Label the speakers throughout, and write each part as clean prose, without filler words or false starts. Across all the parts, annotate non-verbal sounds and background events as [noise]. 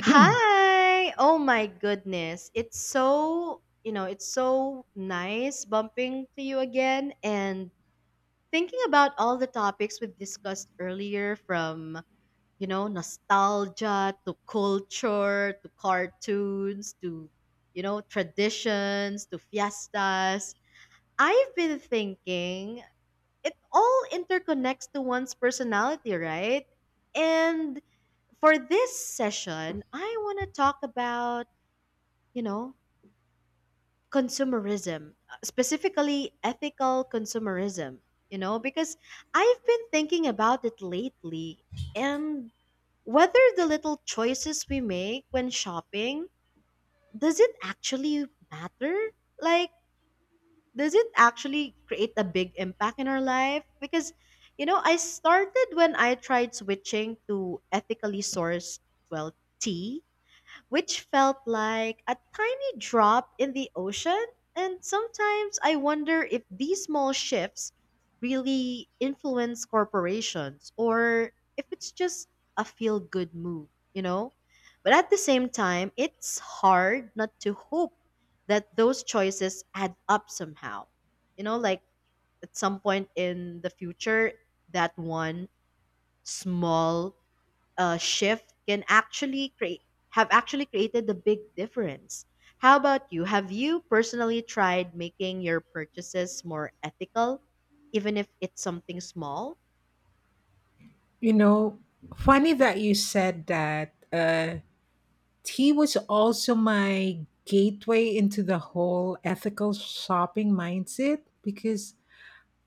Speaker 1: Hi! Oh my goodness. It's so nice bumping to you again and thinking about all the topics we've discussed earlier from, nostalgia to culture to cartoons to, traditions to fiestas. I've been thinking it all interconnects to one's personality, right? And for this session, I want to talk about, you know, consumerism, specifically ethical consumerism, because I've been thinking about it lately and whether the little choices we make when shopping does it actually matter? Like does it actually create a big impact in our life? Because, I started when I tried switching to ethically sourced, well, tea which felt like a tiny drop in the ocean. And sometimes I wonder if these small shifts really influence corporations or if it's just a feel good move, you know? But at the same time, it's hard not to hope that those choices add up somehow. You know, like at some point in the future, that one small shift can actually create have actually created a big difference. How about you? Have you personally tried making your purchases more ethical, even if it's something small?
Speaker 2: You know, funny that you said that. Tea was also my gateway into the whole ethical shopping mindset because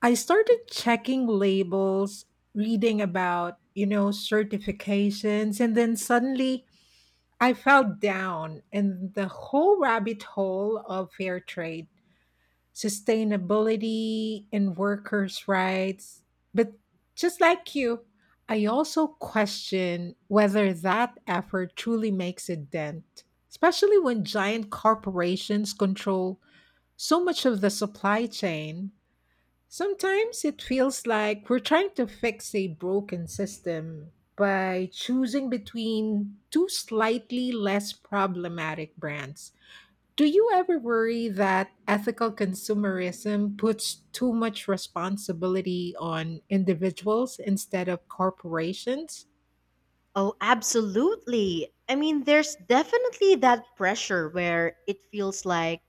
Speaker 2: I started checking labels, reading about, you know, certifications, and then suddenly I fell down in the whole rabbit hole of fair trade, sustainability and workers' rights. But just like you, I also question whether that effort truly makes a dent, especially when giant corporations control so much of the supply chain. Sometimes it feels like we're trying to fix a broken system by choosing between two slightly less problematic brands. Do you ever worry that ethical consumerism puts too much responsibility on individuals instead of corporations?
Speaker 1: Oh, absolutely. I mean, there's definitely that pressure where it feels like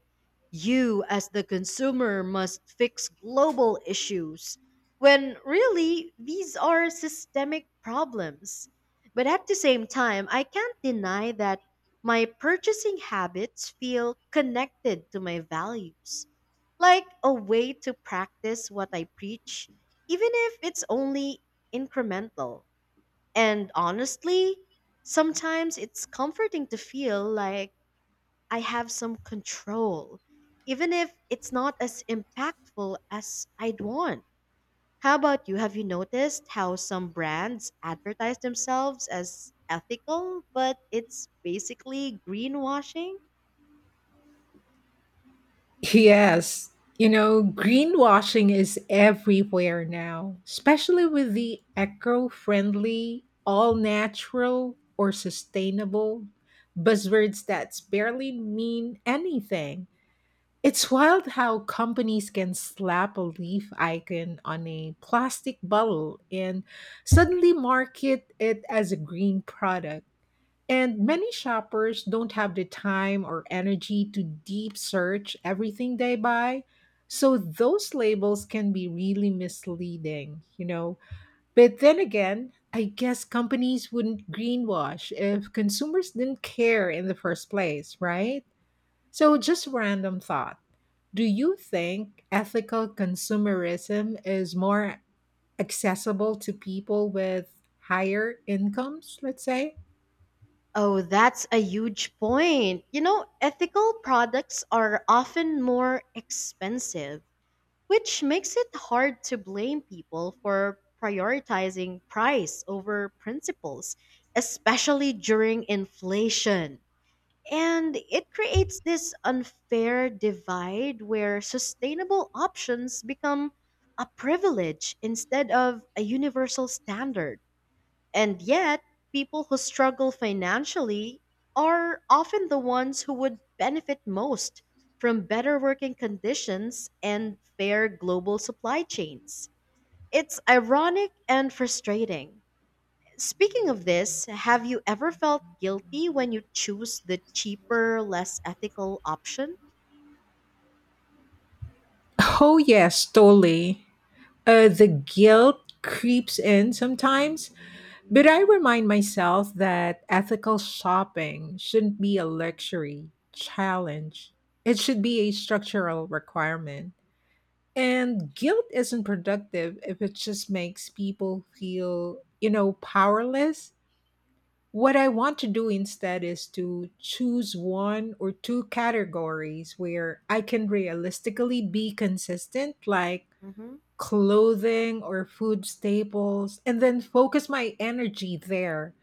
Speaker 1: you, as the consumer, must fix global issues when really these are systemic problems. But at the same time, I can't deny that my purchasing habits feel connected to my values, like a way to practice what I preach, even if it's only incremental. And honestly, sometimes it's comforting to feel like I have some control, even if it's not as impactful as I'd want. How about you? Have you noticed how some brands advertise themselves as ethical, but it's basically greenwashing?
Speaker 2: Yes. You know, greenwashing is everywhere now, especially with the eco friendly, all natural, or sustainable buzzwords that barely mean anything. It's wild how companies can slap a leaf icon on a plastic bottle and suddenly market it as a green product. And many shoppers don't have the time or energy to deep search everything they buy. So those labels can be really misleading, you know. But then again, I guess companies wouldn't greenwash if consumers didn't care in the first place, right? So just random thought. Do you think ethical consumerism is more accessible to people with higher incomes, let's say?
Speaker 1: Oh, that's a huge point. You know, ethical products are often more expensive which makes it hard to blame people for prioritizing price over principles, especially during inflation. And it creates this unfair divide where sustainable options become a privilege instead of a universal standard. And yet, people who struggle financially are often the ones who would benefit most from better working conditions and fair global supply chains. It's ironic and frustrating. Speaking of this, have you ever felt guilty when you choose the cheaper, less ethical option?
Speaker 2: Oh, yes, totally. The guilt creeps in sometimes, but I remind myself that ethical shopping shouldn't be a luxury challenge, it should be a structural requirement. And guilt isn't productive if it just makes people feel, you know, powerless. What I want to do instead is to choose one or two categories where I can realistically be consistent, like
Speaker 1: Mhm.
Speaker 2: clothing or food staples, and then focus my energy there.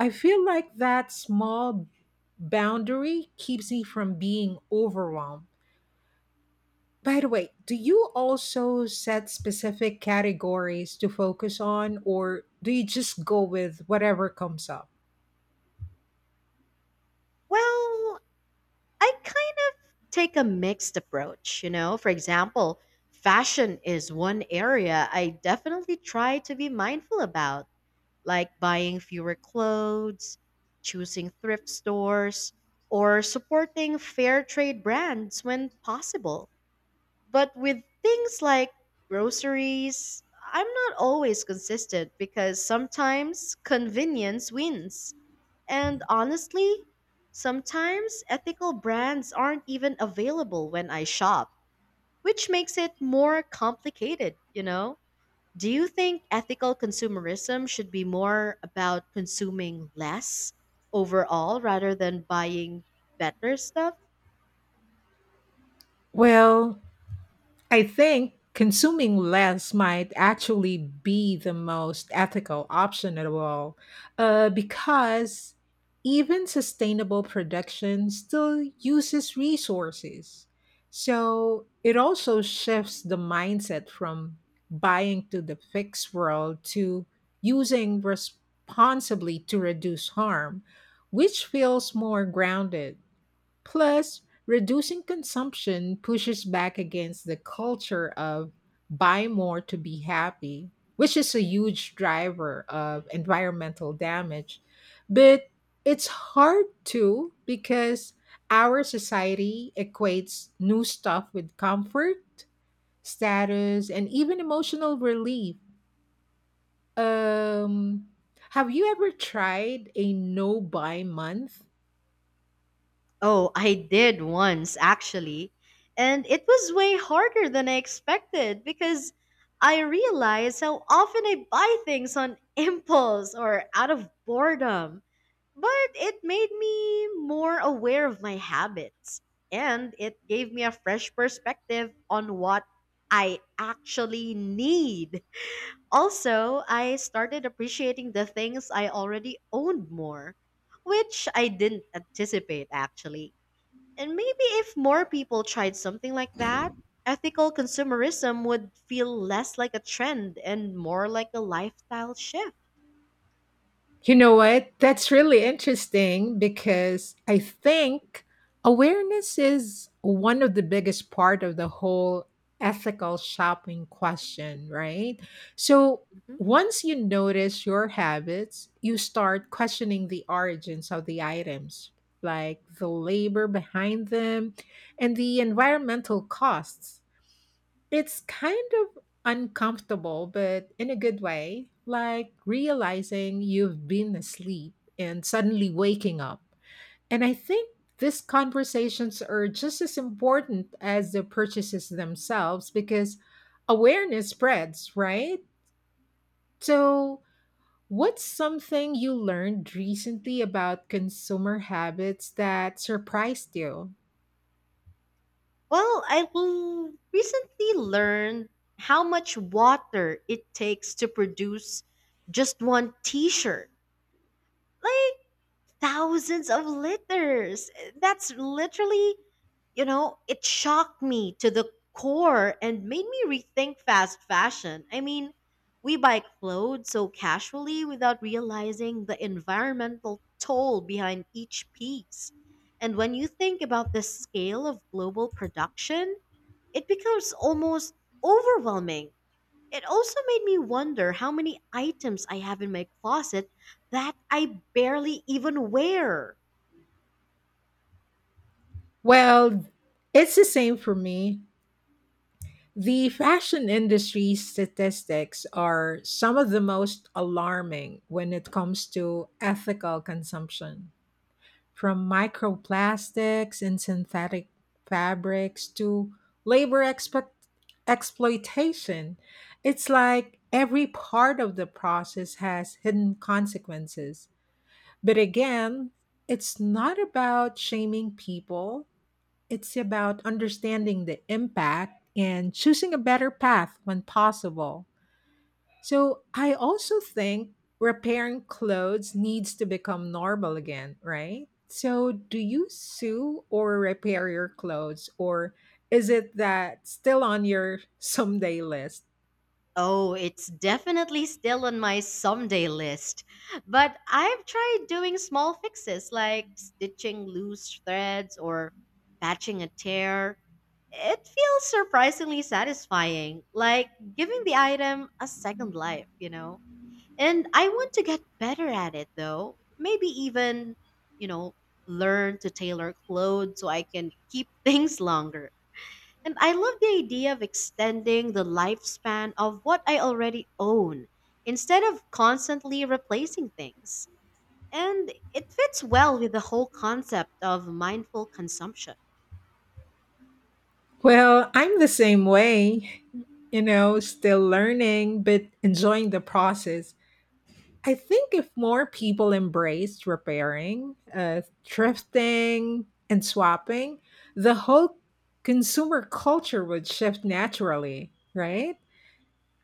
Speaker 2: I feel like that small boundary keeps me from being overwhelmed. By the way, do you also set specific categories to focus on, or do you just go with whatever comes up?
Speaker 1: Well, I kind of take a mixed approach, you know. For example, fashion is one area I definitely try to be mindful about. Like buying fewer clothes, choosing thrift stores, or supporting fair trade brands when possible. But with things like groceries, I'm not always consistent because sometimes convenience wins. And honestly, sometimes ethical brands aren't even available when I shop, which makes it more complicated, you know? Do you think ethical consumerism should be more about consuming less overall rather than buying better stuff?
Speaker 2: Well, I think consuming less might actually be the most ethical option at all, because even sustainable production still uses resources. So it also shifts the mindset from buying to the fixed world to using responsibly to reduce harm, which feels more grounded. Plus, reducing consumption pushes back against the culture of buy more to be happy, which is a huge driver of environmental damage. But it's hard to because our society equates new stuff with comfort, status, and even emotional relief. Um, have you ever tried a no buy month?
Speaker 1: Oh, I did once actually. And it was way harder than I expected because I realized how often I buy things on [laughs] impulse or out of boredom. But it made me more aware of my habits and it gave me a fresh perspective on what I actually need. Also, I started appreciating the things I already owned more, which I didn't anticipate actually. And maybe if more people tried something like that, ethical consumerism would feel less like a trend and more like a lifestyle shift.
Speaker 2: You know what? That's really interesting because I think awareness is one of the biggest part of the whole ethical shopping question, right? So
Speaker 1: Mhm.
Speaker 2: once you notice your habits, you start questioning the origins of the items, like the labor behind them and the environmental costs. It's kind of uncomfortable, but in a good way, like realizing you've been asleep and suddenly waking up. And I think these conversations are just as important as the purchases themselves because awareness spreads, right? So, what's something you learned recently about consumer habits that surprised you?
Speaker 1: Well, recently learned how much water it takes to produce just one t shirt. Like, thousands of liters. That's literally, it shocked me to the core and made me rethink fast fashion. I mean, we buy clothes so casually without realizing the environmental toll behind each piece. And when you think about the scale of global production, it becomes almost overwhelming. It also made me wonder how many items I have in my closet that I barely even wear.
Speaker 2: Well, it's the same for me. The fashion industry statistics are some of the most alarming when it comes to ethical consumption. From microplastics and synthetic fabrics to labor expect- exploitation, it's like every part of the process has hidden consequences. But again, it's not about shaming people, it's about understanding the impact and choosing a better path when possible. So, I also think repairing clothes needs to become normal again, right? So, do you sew or repair your clothes, or is it that still on your [laughs] someday list?
Speaker 1: Oh, it's definitely still on my someday list. But I've tried doing small fixes like stitching loose threads or patching a tear. It feels surprisingly satisfying, like giving the item a second life. And I want to get better at it though. Maybe even, you know, learn to tailor clothes so I can keep [laughs] things longer. And I love the idea of extending the lifespan of what I already own instead of constantly replacing things. And it fits well with the whole concept of mindful consumption.
Speaker 2: Well, I'm the same way, you know, still learning, but enjoying the process. I think if more people embraced repairing, thrifting, and swapping, the whole consumer culture would shift naturally, right?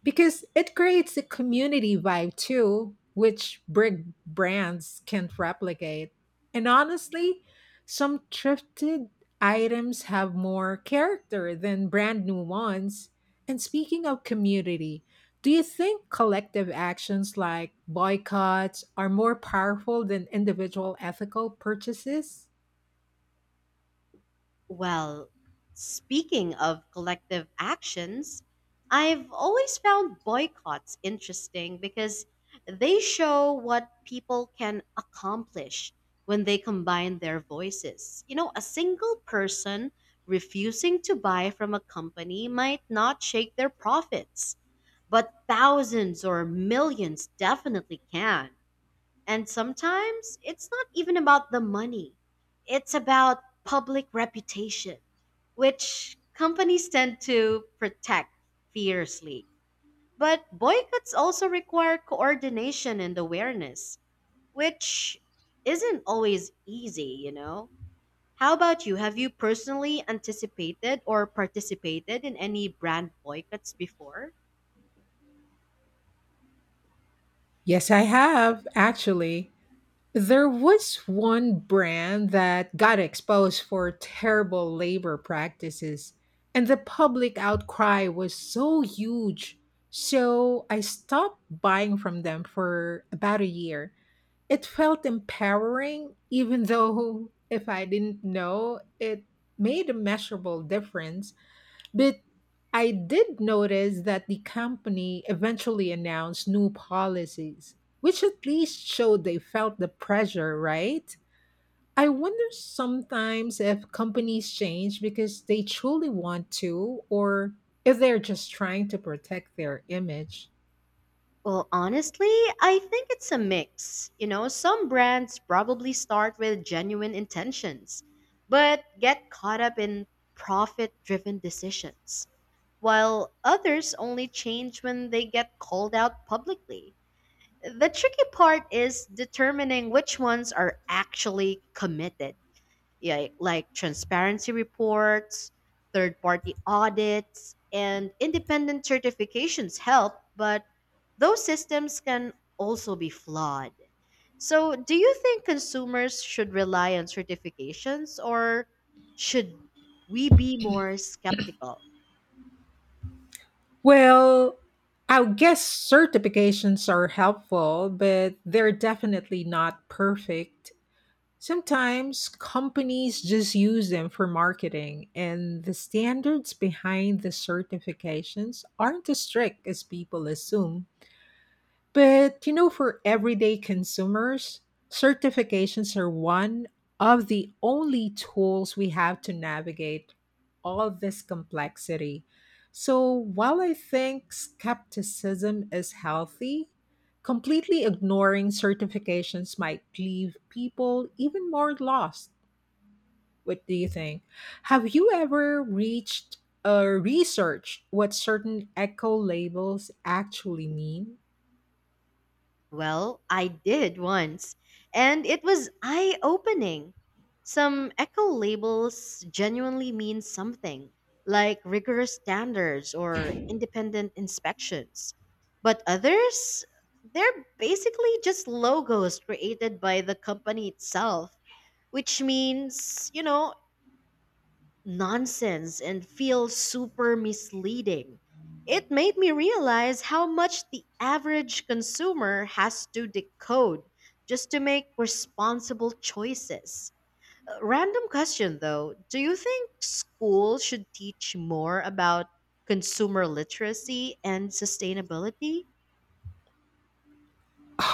Speaker 2: Because it creates a community vibe too, which big brands can't replicate. And honestly, some thrifted items have more character than brand new ones. And speaking of community, do you think collective actions like boycotts are more powerful than individual ethical purchases?
Speaker 1: Well, speaking of collective actions, I've always found boycotts interesting because they show what people can accomplish when they combine their voices. You know, a single person refusing to buy from a company might not shake their profits, but thousands or millions definitely can. And sometimes it's not even about the money, it's about public reputation, which companies tend to protect fiercely. But boycotts also require coordination and awareness, which isn't always easy, you know? How about you? Have you personally anticipated or participated in any brand boycotts before?
Speaker 2: Yes, I have, actually. There was one brand that got exposed for terrible labor practices, and the public outcry was so huge. So I stopped buying from them for about a year. It felt empowering, even though [laughs] if I didn't know, it made a measurable difference. But I did notice that the company eventually announced new policies, which at least showed they felt the pressure, right? I wonder sometimes if companies change because they truly want to or if they're just trying to protect their image.
Speaker 1: Well, honestly, I think it's a mix. You know, some brands probably start with genuine intentions, but get caught up in profit driven decisions, while others only change when they get called out publicly. The tricky part is determining which ones are actually committed, yeah, like transparency reports, third party audits, and independent certifications help, but those systems can also be flawed. So, do you think consumers should rely on certifications or should we be more skeptical?
Speaker 2: Well, I guess certifications are helpful, but they're definitely not perfect. Sometimes companies just use them for marketing, and the standards behind the certifications aren't as strict as people assume. But you know, for everyday consumers, certifications are one of the only tools we have to navigate all this complexity. So while I think skepticism is healthy, completely ignoring certifications might leave people even more lost. What do you think? Have you ever reached or researched what certain eco labels actually mean?
Speaker 1: Well, I did once, and it was eye opening. Some eco labels genuinely mean something, like rigorous standards or independent inspections. But others, they're basically just logos created by the company itself, which means, nonsense and feel super misleading. It made me realize how much the average consumer has to decode just to make responsible choices. Random question though, do you think school should teach more about consumer literacy and sustainability?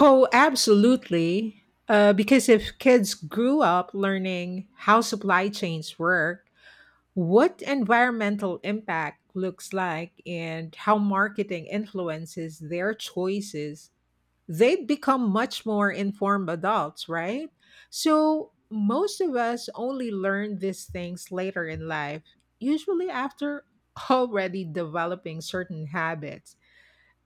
Speaker 2: Oh, absolutely. Because if kids grew up learning how supply chains work, what environmental impact looks like, and how marketing influences their choices, they'd become much more informed adults, right? So, most of us only learn these things later in life, usually after already developing certain habits.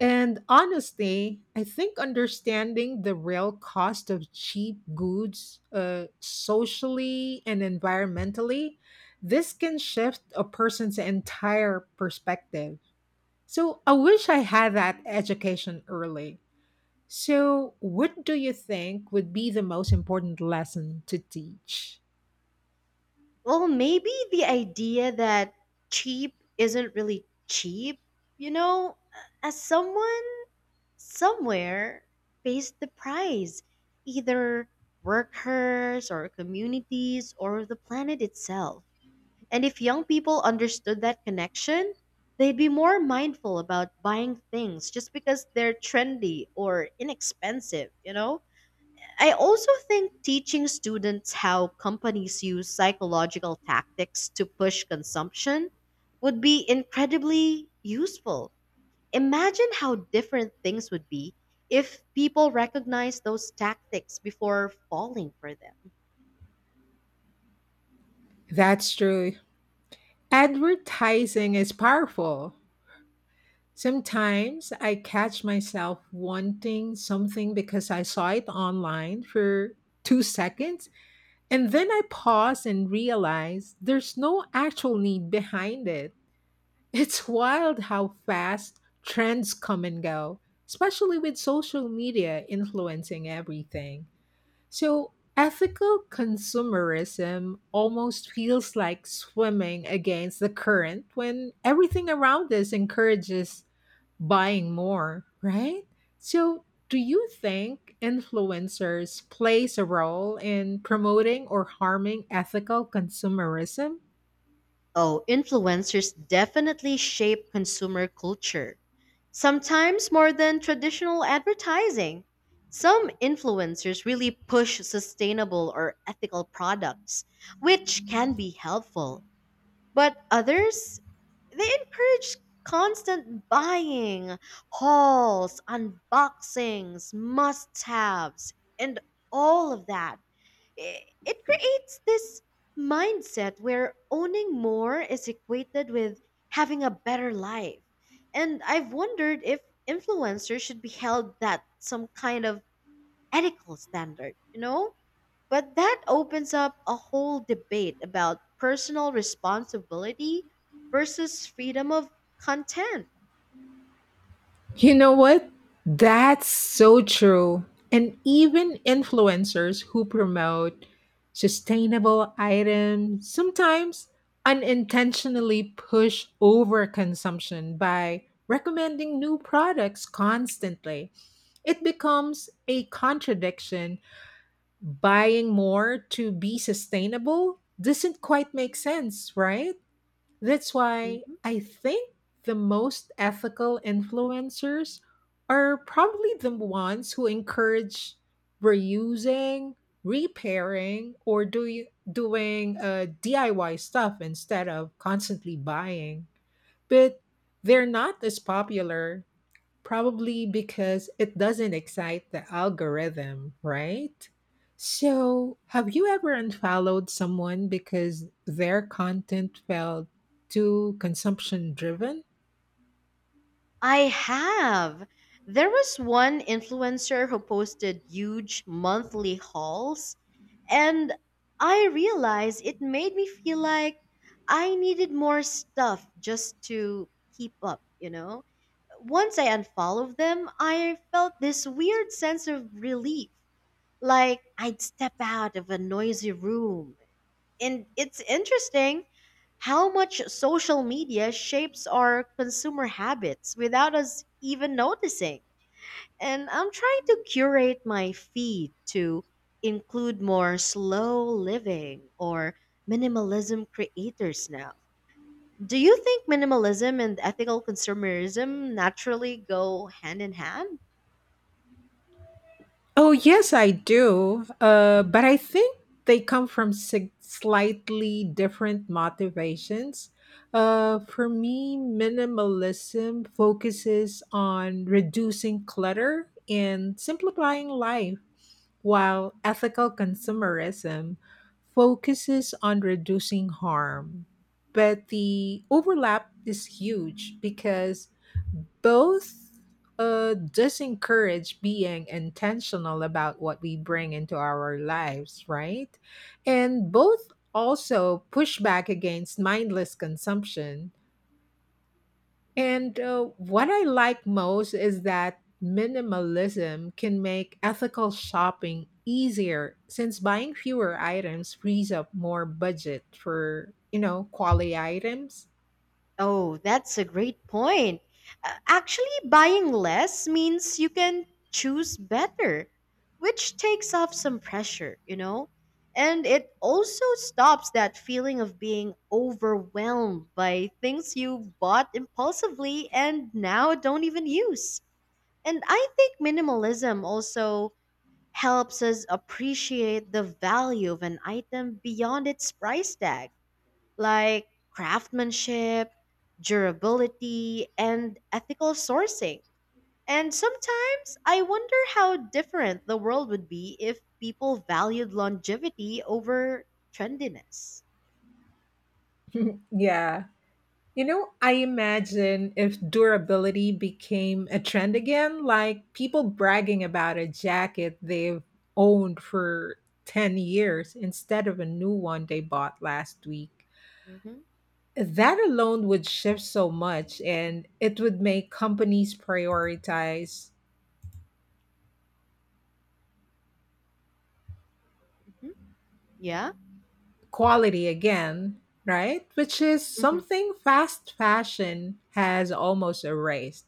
Speaker 2: And honestly, I think understanding the real cost of cheap goods, socially and environmentally, this can shift a person's entire perspective. So I wish I had that education early. So, what do you think would be the most important lesson to teach?
Speaker 1: Well, maybe the idea that cheap isn't really cheap, you know, as someone somewhere pays the price either workers or communities or the planet itself. And if young people understood that connection, they'd be more mindful about buying things just because they're trendy or inexpensive, you know? I also think teaching students how companies use psychological tactics to push consumption would be incredibly useful. Imagine how different things would be if people recognized those tactics before falling for them.
Speaker 2: That's true. Advertising is powerful. Sometimes I catch myself wanting something because I saw it online for 2 seconds, and then I pause and realize there's no actual need behind it. [laughs] It's wild how fast trends come and go, especially with social media influencing everything. So, ethical consumerism almost feels like swimming against the current when everything around us encourages buying more, right? So, do you think influencers plays a role in promoting or harming ethical consumerism?
Speaker 1: Oh, influencers definitely shape consumer culture, sometimes more than traditional advertising. Some influencers really push sustainable or ethical products, which can be helpful, but others they encourage constant buying, hauls, unboxings, must haves, and all of that. It creates this mindset where owning more is equated with having a better life. And I've wondered if influencers should be held that some kind of ethical standard, you know? But that opens up a whole debate about personal responsibility versus freedom of content.
Speaker 2: You know what? That's so true. And even influencers who promote sustainable items sometimes unintentionally push overconsumption by recommending new products constantly. It becomes a contradiction. Buying more to be sustainable doesn't quite make sense, right? That's why I think the most ethical influencers are probably the ones who encourage reusing, repairing, doing DIY stuff instead of constantly buying. But they're not as popular. Probably because it doesn't excite the algorithm, right? So, have you ever unfollowed someone because their content felt too consumption driven?
Speaker 1: I have. There was one influencer who posted huge monthly hauls, and I realized it made me feel like I needed more stuff just to keep up, you know? Once I unfollowed them, I felt this weird sense of relief, like I'd step out of a noisy room and it's interesting how much social media shapes our consumer habits without us even noticing. And I'm trying to curate my feed to include more slow living or minimalism creators now. Do you think minimalism and ethical consumerism naturally go hand in hand?
Speaker 2: Oh, yes, I do. But I think they come from slightly different motivations. For me, minimalism focuses on reducing clutter and simplifying life, while ethical consumerism focuses on reducing harm. But the overlap is huge because both, disencourage being intentional about what we bring into our lives, right? And both also push back against mindless consumption and what I like most is that minimalism can make ethical shopping easier since buying fewer items frees up more budget for, you know, quality items.
Speaker 1: Oh, that's a great point. Actually, buying less means you can choose better, which takes off some pressure, you know? And it also stops that feeling of being overwhelmed by things you bought impulsively and now don't even use. And I think minimalism also helps us appreciate the value of an item beyond its price tag like craftsmanship, durability, and ethical sourcing. And sometimes I wonder how different the world would be if people valued longevity over trendiness.
Speaker 2: [laughs] Yeah. You know, I imagine if durability became a trend again, like people bragging about a jacket they've owned for 10 years instead of a new one they bought last week.
Speaker 1: Mm-hmm.
Speaker 2: That alone would shift so much, and it would make companies prioritize
Speaker 1: Hmm. Yeah.
Speaker 2: quality again, right? Which is
Speaker 1: Hmm.
Speaker 2: something fast fashion has almost erased.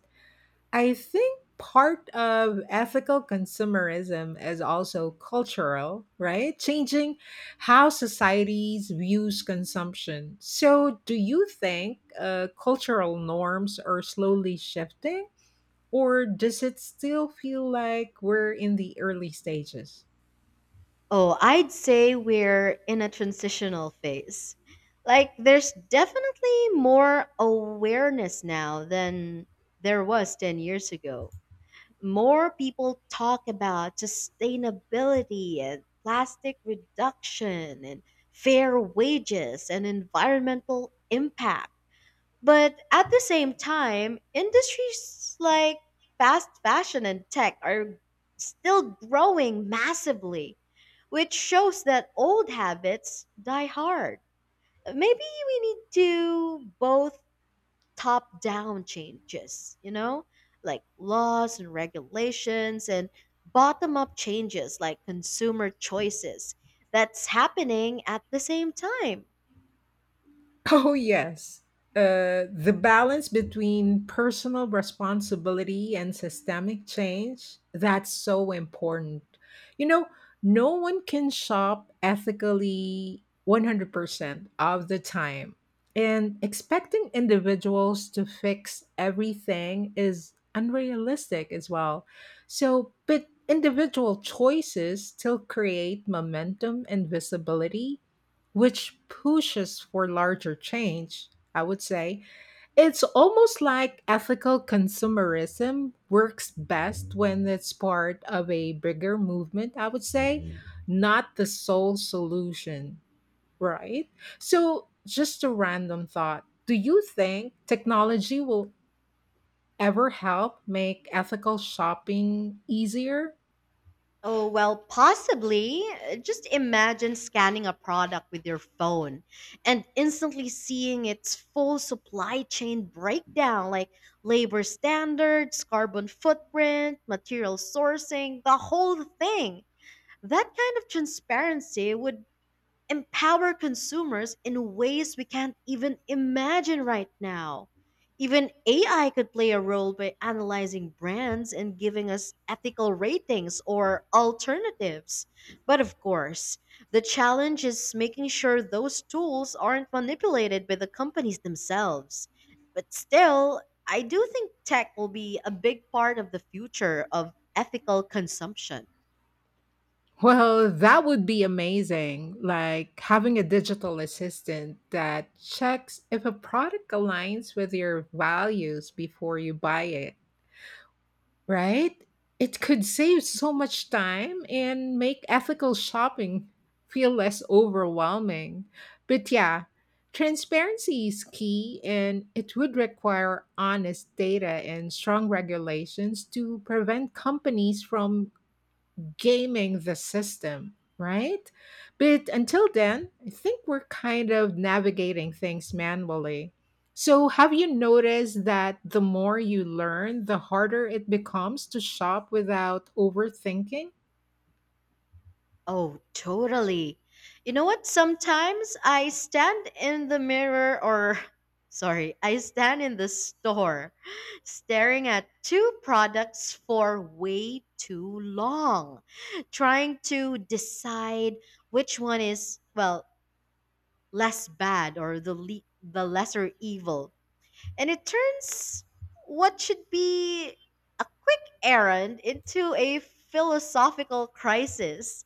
Speaker 2: I think part of ethical consumerism is also cultural, right? Changing how societies views consumption. So, do you think cultural norms are slowly shifting? Or does it still feel like we're in the early stages?
Speaker 1: Oh, I'd say we're in a transitional phase. Like, there's definitely more awareness now than there was 10 years ago. More people talk about sustainability and plastic reduction and fair wages and environmental impact. But at the same time, industries like fast fashion and tech are still growing massively, which shows that old habits die hard. Maybe we need to both top down changes, you know, like laws and regulations, and bottom up changes like consumer choices that's happening at the same time.
Speaker 2: Oh, yes. The balance between personal responsibility and systemic change, that's so important. You know, no one can shop ethically 100% of the time. And expecting individuals to fix everything is unrealistic as well. So, but individual choices still create momentum and visibility which pushes for larger change, I would say. It's almost like ethical consumerism works best when it's part of a bigger movement, I would say, not the sole solution, right? So, just a random thought. Do you think technology will ever help make ethical shopping easier?
Speaker 1: Oh, well, possibly. Just imagine scanning a product with your phone and instantly seeing its full supply chain breakdown like labor standards, carbon footprint, material sourcing, the whole thing that kind of transparency would empower consumers in ways we can't even imagine right now. Even AI could play a role by analyzing brands and giving us ethical ratings or alternatives. But of course, the challenge is making sure those tools aren't manipulated by the companies themselves. But still, I do think tech will be a big part of the future of ethical consumption.
Speaker 2: Well, that would be amazing. Like having a digital assistant that checks if a product aligns with your values before you buy it, right? It could save so
Speaker 1: Mhm.
Speaker 2: much time and make ethical shopping [laughs] feel less overwhelming. But yeah, transparency is key and it would require honest data and strong regulations to prevent companies from gaming the system, right? But until then, I think we're kind of navigating things manually. So, have you noticed that the more you learn, the harder it becomes to shop without overthinking?
Speaker 1: Oh, totally. You know what? Sometimes I stand in the mirror or [laughs] sorry, I stand in the store staring at two products for way too long, trying to decide which one is, well, less bad or the lesser evil. And it turns what should be a Aaron into a philosophical crisis.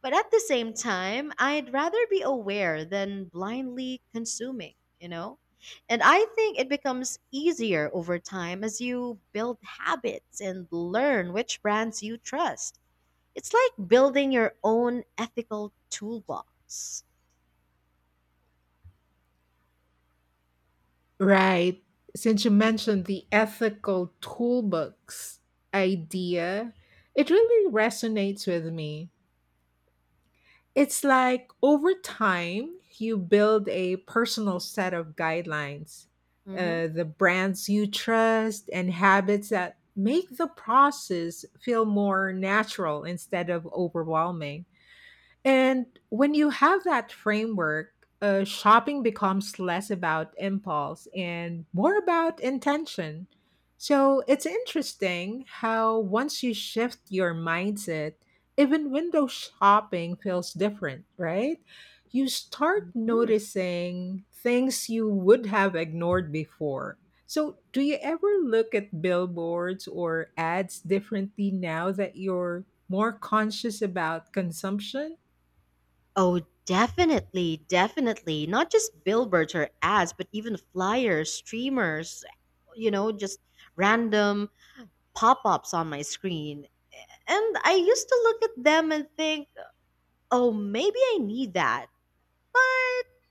Speaker 1: But at the same time, I'd rather be aware than blindly consuming, you know? And I think it becomes easier over time as you build habits and learn which brands you trust. It's like building your own ethical toolbox.
Speaker 2: Right. Since you mentioned the ethical toolbox idea, it really resonates with me. It's like over time, you build a personal set of guidelines,
Speaker 1: Hmm.
Speaker 2: the brands you trust, and habits that make the process feel more natural instead of overwhelming. And when you have that framework, shopping becomes less about impulse and more about intention. So it's interesting how once you shift your mindset, even window shopping feels different, right? You start
Speaker 1: Hmm.
Speaker 2: noticing things you would have ignored before. So, do you ever look at billboards or ads differently now that you're more conscious about consumption?
Speaker 1: Oh, definitely. Not just billboards or ads, but even flyers, streamers, just random pop ups on my screen. And I used to look at them and think, oh, maybe I need that. But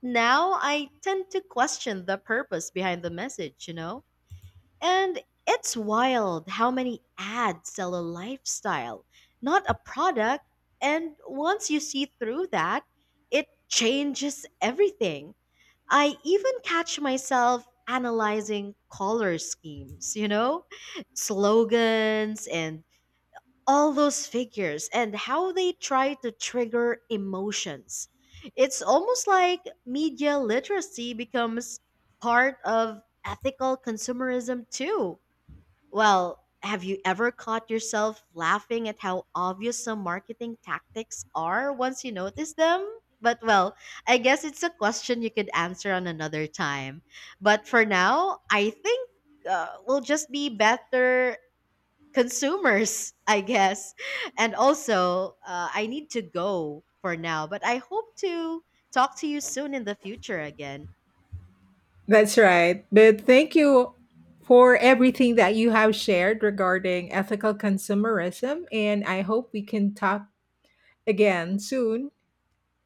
Speaker 1: now I tend to question the purpose behind the message, you know? And it's wild how many ads sell a lifestyle, not a product. And once you see through that, it changes everything. I even catch myself analyzing color schemes, slogans and all those figures and how they try to trigger emotions. It's almost like media literacy becomes part of ethical consumerism too. Well, have you ever caught yourself laughing at how obvious some marketing tactics are once you notice them? But well, I guess it's a question you could answer on another time. But for now, I think we'll just be better consumers, [laughs] I guess. And also, I need to go for now, but I hope to talk to you soon in the future again.
Speaker 2: That's right. But thank you for everything that you have shared regarding ethical consumerism. And I hope we can talk again soon.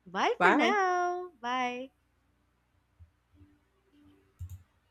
Speaker 1: Bye for
Speaker 2: Bye.
Speaker 1: now. Bye.